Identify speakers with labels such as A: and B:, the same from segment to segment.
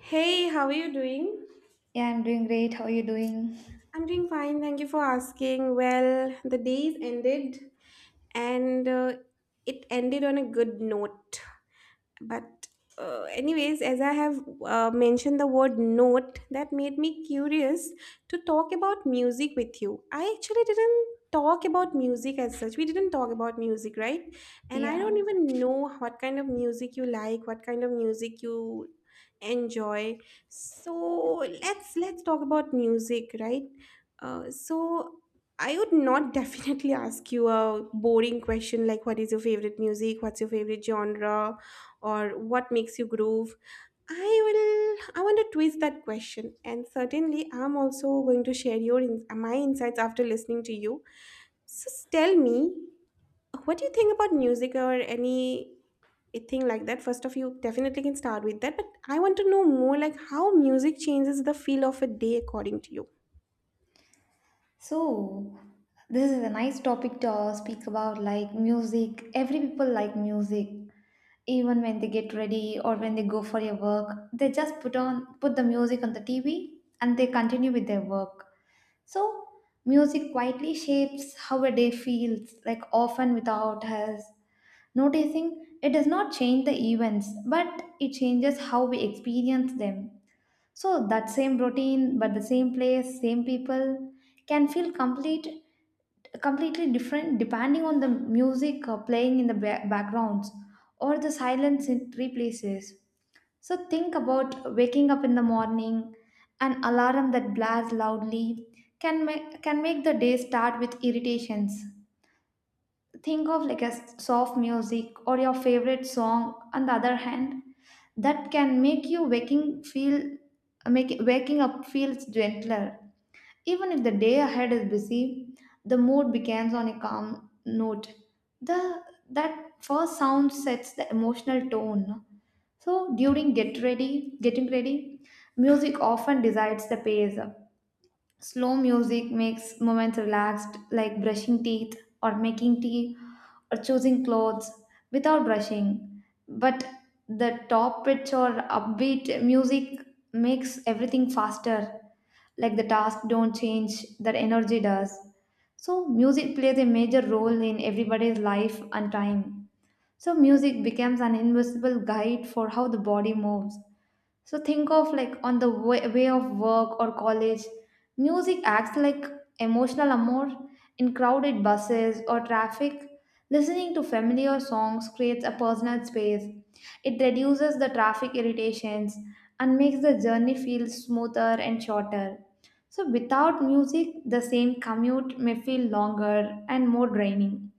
A: Hey, how are you doing?
B: Yeah, I'm doing great. How are you doing?
A: I'm doing fine, thank you for asking. Well, the day's ended and it ended on a good note, but anyways, as I have mentioned the word note, that made me curious to talk about music with you. I actually didn't talk about music as such. We didn't talk about music, right? And I
B: Yeah.
A: don't even know what kind of music you like, what kind of music you enjoy. So let's talk about music, right? So I would not definitely ask you a boring question like what is your favorite music, what's your favorite genre, or what makes you groove. I want to twist that question, and certainly I'm also going to share my insights after listening to you. So tell me, what do you think about music or any thing like that? First of, you definitely can start with that, but I want to know more, like how music changes the feel of a day according to you.
B: So, this is a nice topic to speak about like music. Every people like music. Even when they get ready or when they go for your work, they just put the music on the TV and they continue with their work. So, music quietly shapes how a day feels, like often without us noticing. It does not change the events, but it changes how we experience them. So that same routine, but the same place, same people can completely different depending on the music playing in the backgrounds or the silence it replaces. So think about waking up in the morning, an alarm that blares loudly can make the day start with irritations. Think of like a soft music or your favorite song on the other hand, that can make waking up feels gentler. Even if the day ahead is busy, the mood begins on a calm note. The that first sound sets the emotional tone. So during get ready getting ready, music often decides the pace. Slow music makes moments relaxed, like brushing teeth or making tea or choosing clothes without brushing. But the top pitch or upbeat music makes everything faster, like the task don't change, that energy does. So, music plays a major role in everybody's life and time. So, music becomes an invisible guide for how the body moves. So think of like on the way of work or college, music acts like emotional amour in crowded buses or traffic. Listening to familiar songs creates a personal space. It reduces the traffic irritations and makes the journey feel smoother and shorter. So without music, the same commute may feel longer and more draining.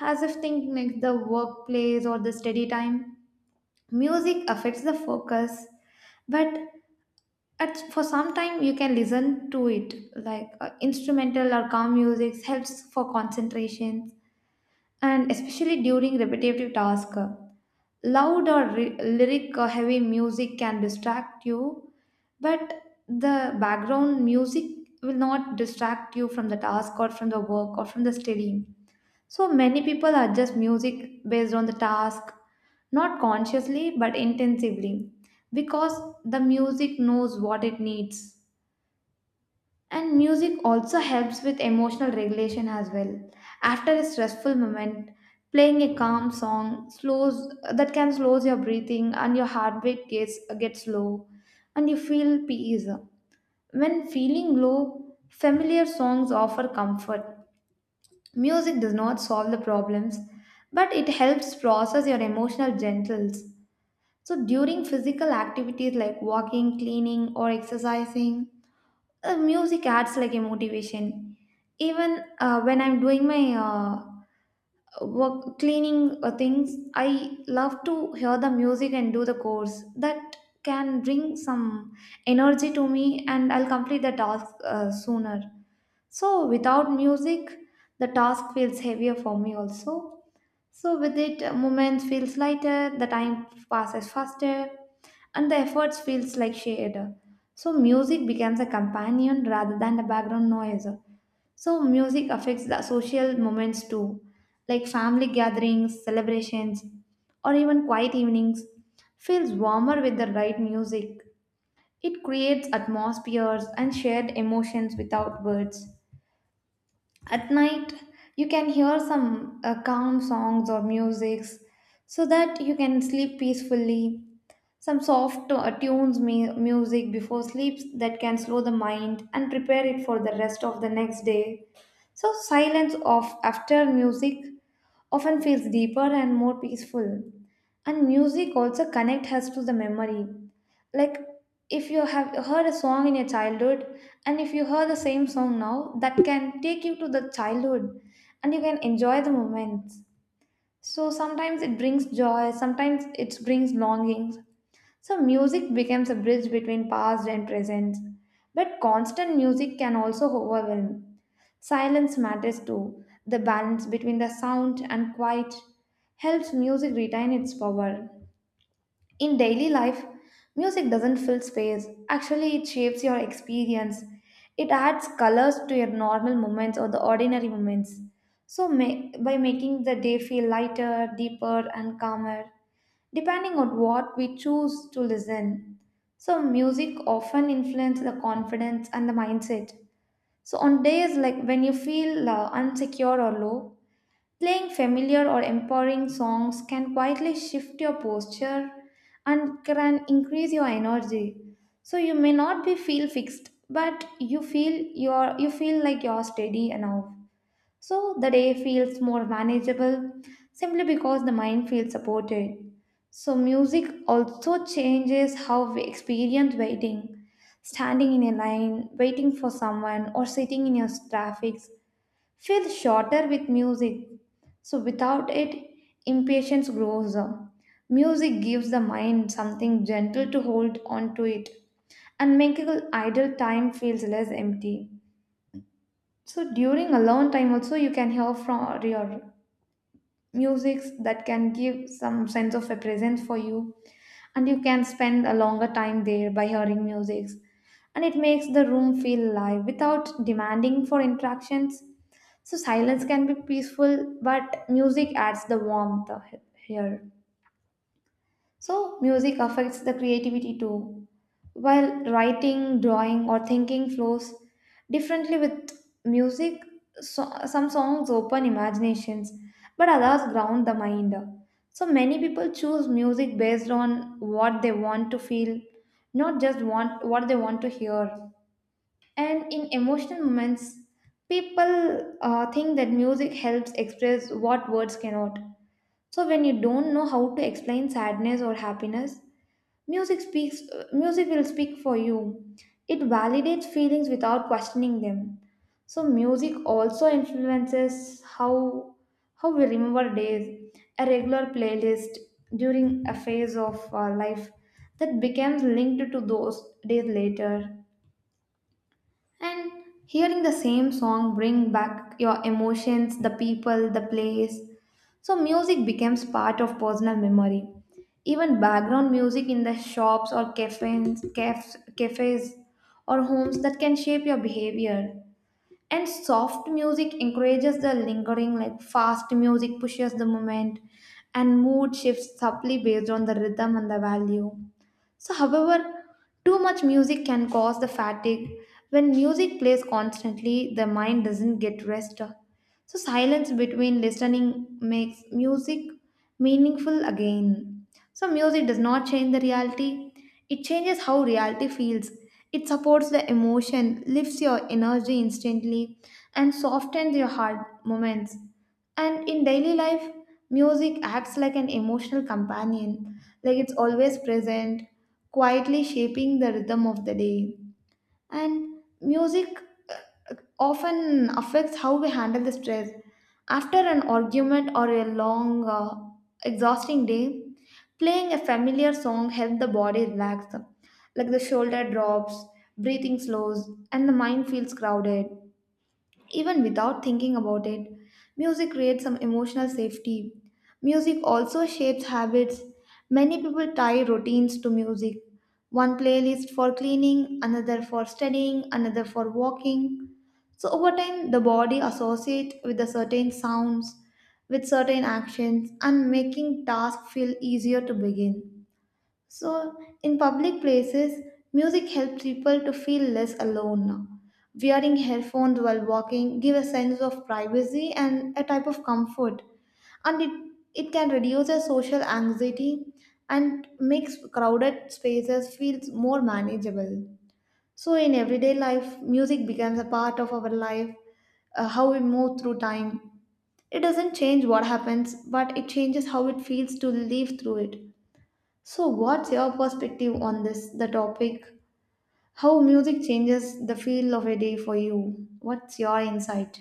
B: As if thinking like the workplace or the study time, music affects the focus. But at for some time you can listen to it, like instrumental or calm music helps for concentration, and especially during repetitive task, loud or ri- lyric or heavy music can distract you. But the background music will not distract you from the task or from the work or from the studying. So many people adjust music based on the task, not consciously but intensively, because the music knows what it needs. And music also helps with emotional regulation as well. After a stressful moment, playing a calm song slows that can slows your breathing and your heartbeat gets low and you feel peace. When feeling low, familiar songs offer comfort. Music does not solve the problems, but it helps process your emotional gentles. So during physical activities like walking, cleaning or exercising, music adds like a motivation. Even when I'm doing my work cleaning things, I love to hear the music and do the course that can bring some energy to me and I'll complete the task sooner. So without music, the task feels heavier for me also. So with it, moments feels lighter, the time passes faster, and the efforts feels like shared. So music becomes a companion rather than a background noise. So music affects the social moments too, like family gatherings, celebrations, or even quiet evenings. Feels warmer with the right music. It creates atmospheres and shared emotions without words. At night, you can hear some calm songs or musics so that you can sleep peacefully. Some soft tunes, music before sleep that can slow the mind and prepare it for the rest of the next day. So, silence of after music often feels deeper and more peaceful. And music also connects us to the memory. Like if you have heard a song in your childhood and if you heard the same song now, that can take you to the childhood and you can enjoy the moments. So sometimes it brings joy, sometimes it brings longings. So music becomes a bridge between past and present. But constant music can also overwhelm. Silence matters too. The balance between the sound and quiet helps music retain its power. In daily life, music doesn't fill space. Actually, it shapes your experience. It adds colors to your normal moments or the ordinary moments. So, by making the day feel lighter, deeper, and calmer, depending on what we choose to listen. So, music often influences the confidence and the mindset. So, on days like when you feel unsecure or low, playing familiar or empowering songs can quietly shift your posture and can increase your energy. So, you may not be feel fixed, but you feel like you're steady enough. So the day feels more manageable simply because the mind feels supported. So music also changes how we experience waiting. Standing in a line, waiting for someone, or sitting in your traffic feels shorter with music. So without it, impatience grows. Music gives the mind something gentle to hold on to it, and making idle time feels less empty. So during alone time also you can hear from your musics that can give some sense of a presence for you, and you can spend a longer time there by hearing musics, and it makes the room feel live without demanding for interactions. So silence can be peaceful but music adds the warmth here. So, music affects the creativity too. While writing, drawing, or thinking flows differently with music, so, some songs open imaginations, but others ground the mind. So, many people choose music based on what they want to feel, not just want what they want to hear. And in emotional moments, people think that music helps express what words cannot. So, when you don't know how to explain sadness or happiness, music will speak for you. It validates feelings without questioning them. So music also influences how we remember days. A regular playlist during a phase of our life that becomes linked to those days later, and hearing the same song bring back your emotions, the people, the place. So music becomes part of personal memory. Even background music in the shops or cafes, cafes or homes that can shape your behavior. And soft music encourages the lingering, like fast music pushes the moment, and mood shifts subtly based on the rhythm and the value. So, however, too much music can cause the fatigue. When music plays constantly, the mind doesn't get rest. So, silence between listening makes music meaningful again. So, music does not change the reality, it changes how reality feels. It supports the emotion, lifts your energy instantly, and softens your hard moments. And in daily life, music acts like an emotional companion, like it's always present, quietly shaping the rhythm of the day. And music often affects how we handle the stress. After an argument or a long, exhausting day, playing a familiar song helps the body relax, like the shoulder drops, breathing slows, and the mind feels crowded. Even without thinking about it, music creates some emotional safety. Music also shapes habits. Many people tie routines to music. One playlist for cleaning, another for studying, another for walking. So over time, the body associates with the certain sounds, with certain actions, and making tasks feel easier to begin. So, in public places, music helps people to feel less alone. Wearing headphones while walking give a sense of privacy and a type of comfort, and it can reduce a social anxiety and makes crowded spaces feel more manageable. So, in everyday life, music becomes a part of our life, how we move through time. It doesn't change what happens, but it changes how it feels to live through it. So, what's your perspective on this, the topic? How music changes the feel of a day for you? What's your insight?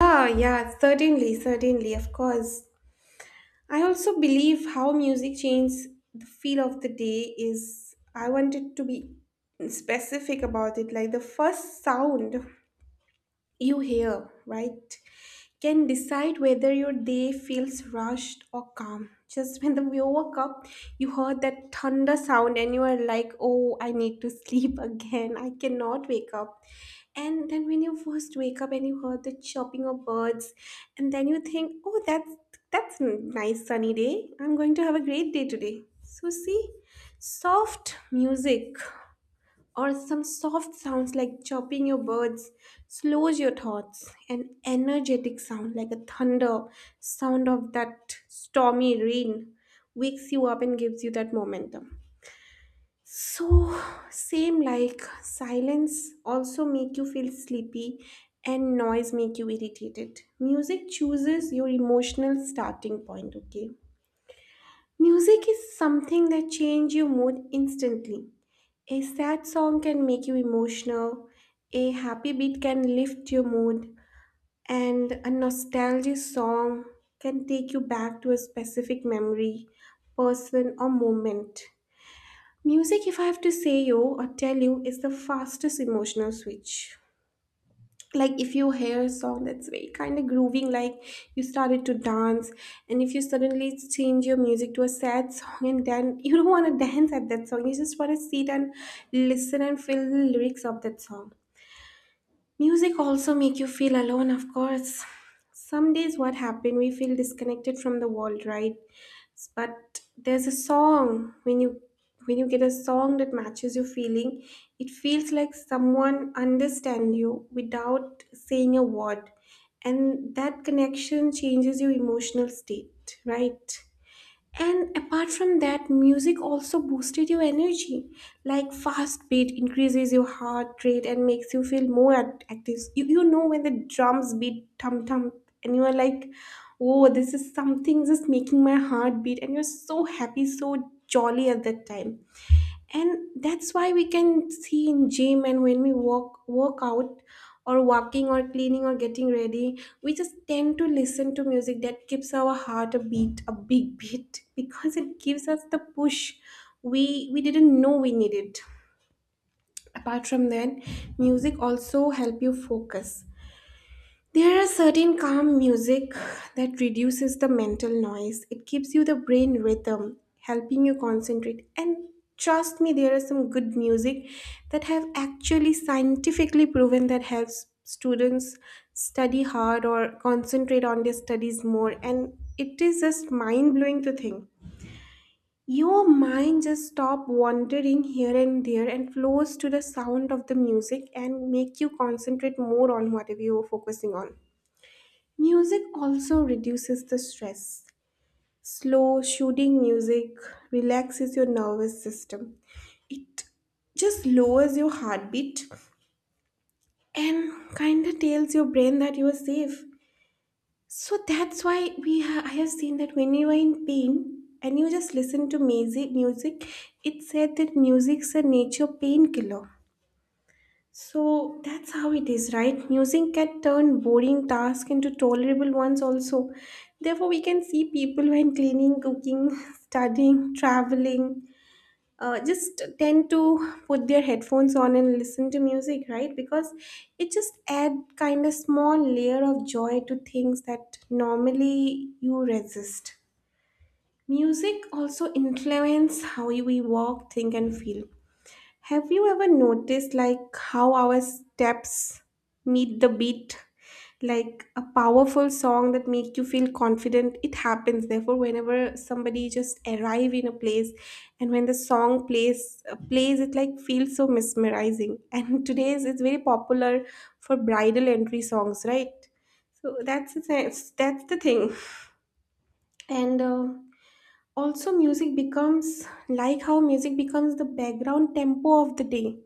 A: Ah, yeah, certainly, of course. I also believe how music changes the feel of the day. Is, I wanted to be specific about it, like the first sound you hear, right? Can decide whether your day feels rushed or calm. Just you woke up, you heard that thunder sound and you are like, oh, I need to sleep again, I cannot wake up. And then when you first wake up and you heard the chirping of birds, and then you think, oh, that's a nice sunny day, I'm going to have a great day today. So see, soft music or some soft sounds like chopping your birds slows your thoughts. An energetic sound like a thunder sound of that stormy rain wakes you up and gives you that momentum. So, same like silence also make you feel sleepy, and noise make you irritated. Music chooses your emotional starting point, okay. Music is something that change your mood instantly. A sad song can make you emotional, a happy beat can lift your mood, and a nostalgic song can take you back to a specific memory, person, or moment. Music, if I have to say you or tell you, is the fastest emotional switch. Like, if you hear a song that's very kind of grooving, like, you started to dance, and if you suddenly change your music to a sad song, and then you don't want to dance at that song, you just want to sit and listen and feel the lyrics of that song. Music also make you feel alone, of course. Some days what happen, we feel disconnected from the world, right? But there's a song, when you get a song that matches your feeling, it feels like someone understand you without saying a word. And that connection changes your emotional state, right? And apart from that, music also boosted your energy. Like fast beat increases your heart rate and makes you feel active. You know when the drums beat thump thump and you are like, oh, this is something just making my heart beat. And you're so happy, so jolly at that time, and that's why we can see in gym. And when we walk work out or walking or cleaning or getting ready, we just tend to listen to music that keeps our heart a beat, a big beat, because it gives us the push we didn't know we needed. Apart from that, music also help you focus. There are certain calm music that reduces the mental noise. It gives you the brain rhythm, helping you concentrate. And trust me, there are some good music that have actually scientifically proven that helps students study hard or concentrate on their studies more. And it is just mind blowing to think. Your mind just stop wandering here and there and flows to the sound of the music and make you concentrate more on whatever you are focusing on. Music also reduces the stress. Slow, soothing music relaxes your nervous system. It just lowers your heartbeat and kind of tells your brain that you are safe. So that's why I have seen that when you are in pain and you just listen to music, it said that music's a nature painkiller. So that's how it is, right? Music can turn boring tasks into tolerable ones also. Therefore, we can see people when cleaning, cooking, studying, traveling, just tend to put their headphones on and listen to music, right? Because it just add kind of small layer of joy to things that normally you resist. Music also influence how we walk, think, and feel. Have you ever noticed like how our steps meet the beat? Like a powerful song that make you feel confident. It happens. Therefore, whenever somebody just arrive in a place and when the song plays, it like feels so mesmerizing. And today's it's very popular for bridal entry songs, right? So that's the thing. And also music becomes like, how music becomes the background tempo of the day.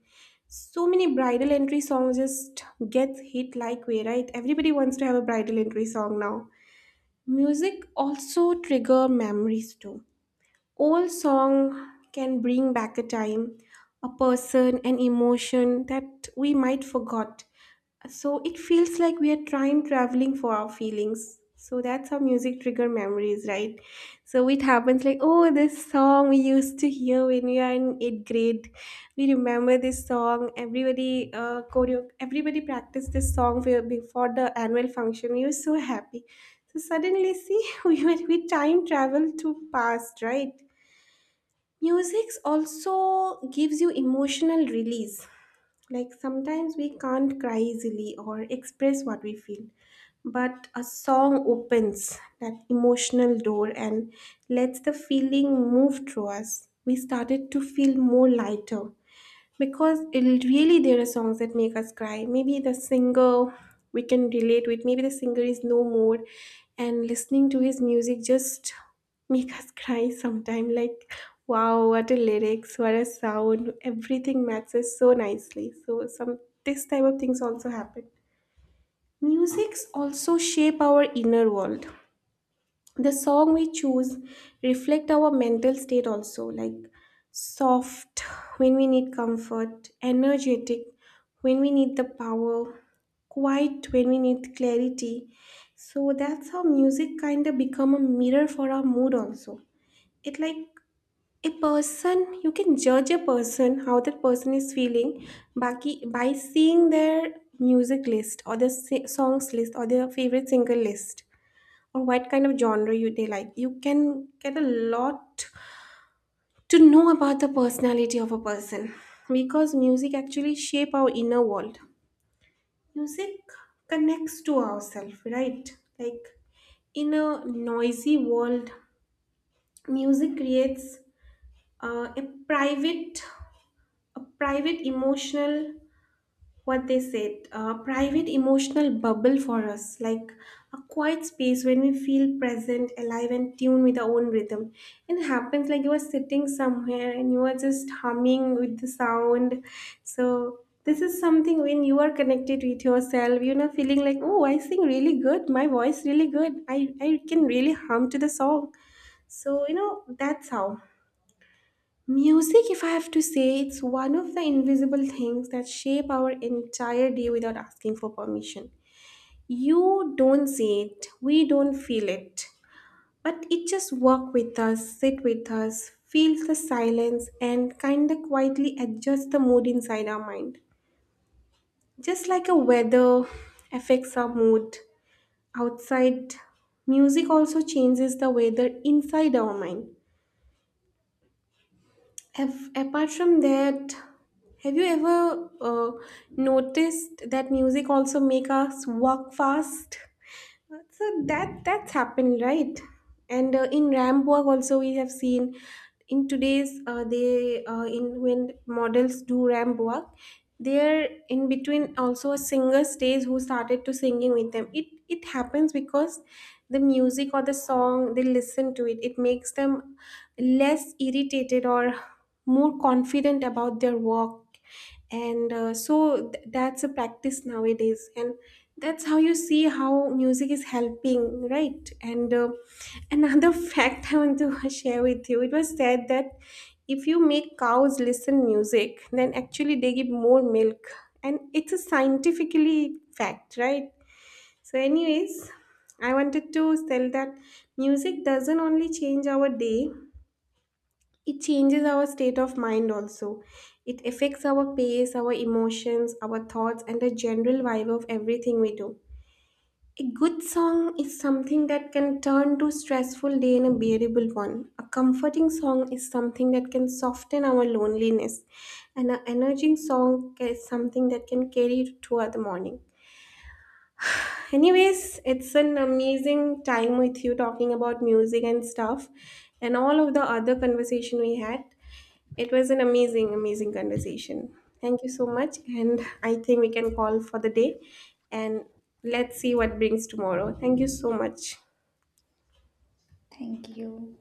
A: So many bridal entry songs just gets hit like way, right? Everybody wants to have a bridal entry song now. Music also trigger memories too. Old song can bring back a time, a person, an emotion that we might forgot. So it feels like we are time traveling for our feelings. So that's how music trigger memories, right? So it happens like, oh, this song we used to hear when we are in eighth grade. We remember this song. Everybody, everybody practiced this song before the annual function. We were so happy. So suddenly, see, we time travel to past, right? Music also gives you emotional release. Like, sometimes we can't cry easily or express what we feel, but a song opens that emotional door and lets the feeling move through us. We started to feel more lighter, because it really, there are songs that make us cry. Maybe the singer we can relate with, maybe the singer is no more, and listening to his music just make us cry sometime, like, wow, what a lyrics, what a sound, everything matches so nicely. So some, this type of things also happen. Musics also shape our inner world. The song we choose reflect our mental state also. Like soft when we need comfort, energetic when we need the power, quiet when we need clarity. So that's how music kind of become a mirror for our mood also. It, like, a person, you can judge a person how that person is feeling by, by seeing their music list or their songs list or their favorite single list, or what kind of genre you they like. You can get a lot to know about the personality of a person, because music actually shape our inner world. Music connects to ourselves, right? Like in a noisy world, music creates uh, a private a private emotional, what they said, a private emotional bubble for us. Like a quiet space when we feel present, alive, and tuned with our own rhythm. It happens like you are sitting somewhere and you are just humming with the sound. So this is something, when you are connected with yourself, you know, feeling like, oh, I sing really good, my voice really good, I can really hum to the song. So you know, that's how. Music, if I have to say, it's one of the invisible things that shape our entire day without asking for permission. You don't see it, we don't feel it, but it just walk with us, sit with us, feels the silence, and kinda quietly adjusts the mood inside our mind. Just like a weather affects our mood outside, music also changes the weather inside our mind. Have, apart from that, have you ever noticed that music also make us walk fast? So that that's happened, right? And in Rambourg also we have seen in today's they in when models do Rambourg, they're in between also a singer stays who started to singing with them. It happens because the music or the song they listen to it, it makes them less irritated or more confident about their work. And that's a practice nowadays, and that's how you see how music is helping, right? And another fact I want to share with you, it was said that if you make cows listen music, then actually they give more milk, and it's a scientifically fact, right? So anyways, I wanted to tell that music doesn't only change our day, it changes our state of mind also. It affects our pace, our emotions, our thoughts, and the general vibe of everything we do. A good song is something that can turn to stressful day in a bearable one, a comforting song is something that can soften our loneliness, and an energizing song is something that can carry you toward the morning. Anyways, it's an amazing time with you talking about music and stuff and all of the other conversation we had. It was an amazing, amazing conversation. Thank you so much. And I think we can call for the day and let's see what brings tomorrow. Thank you so much.
B: Thank you.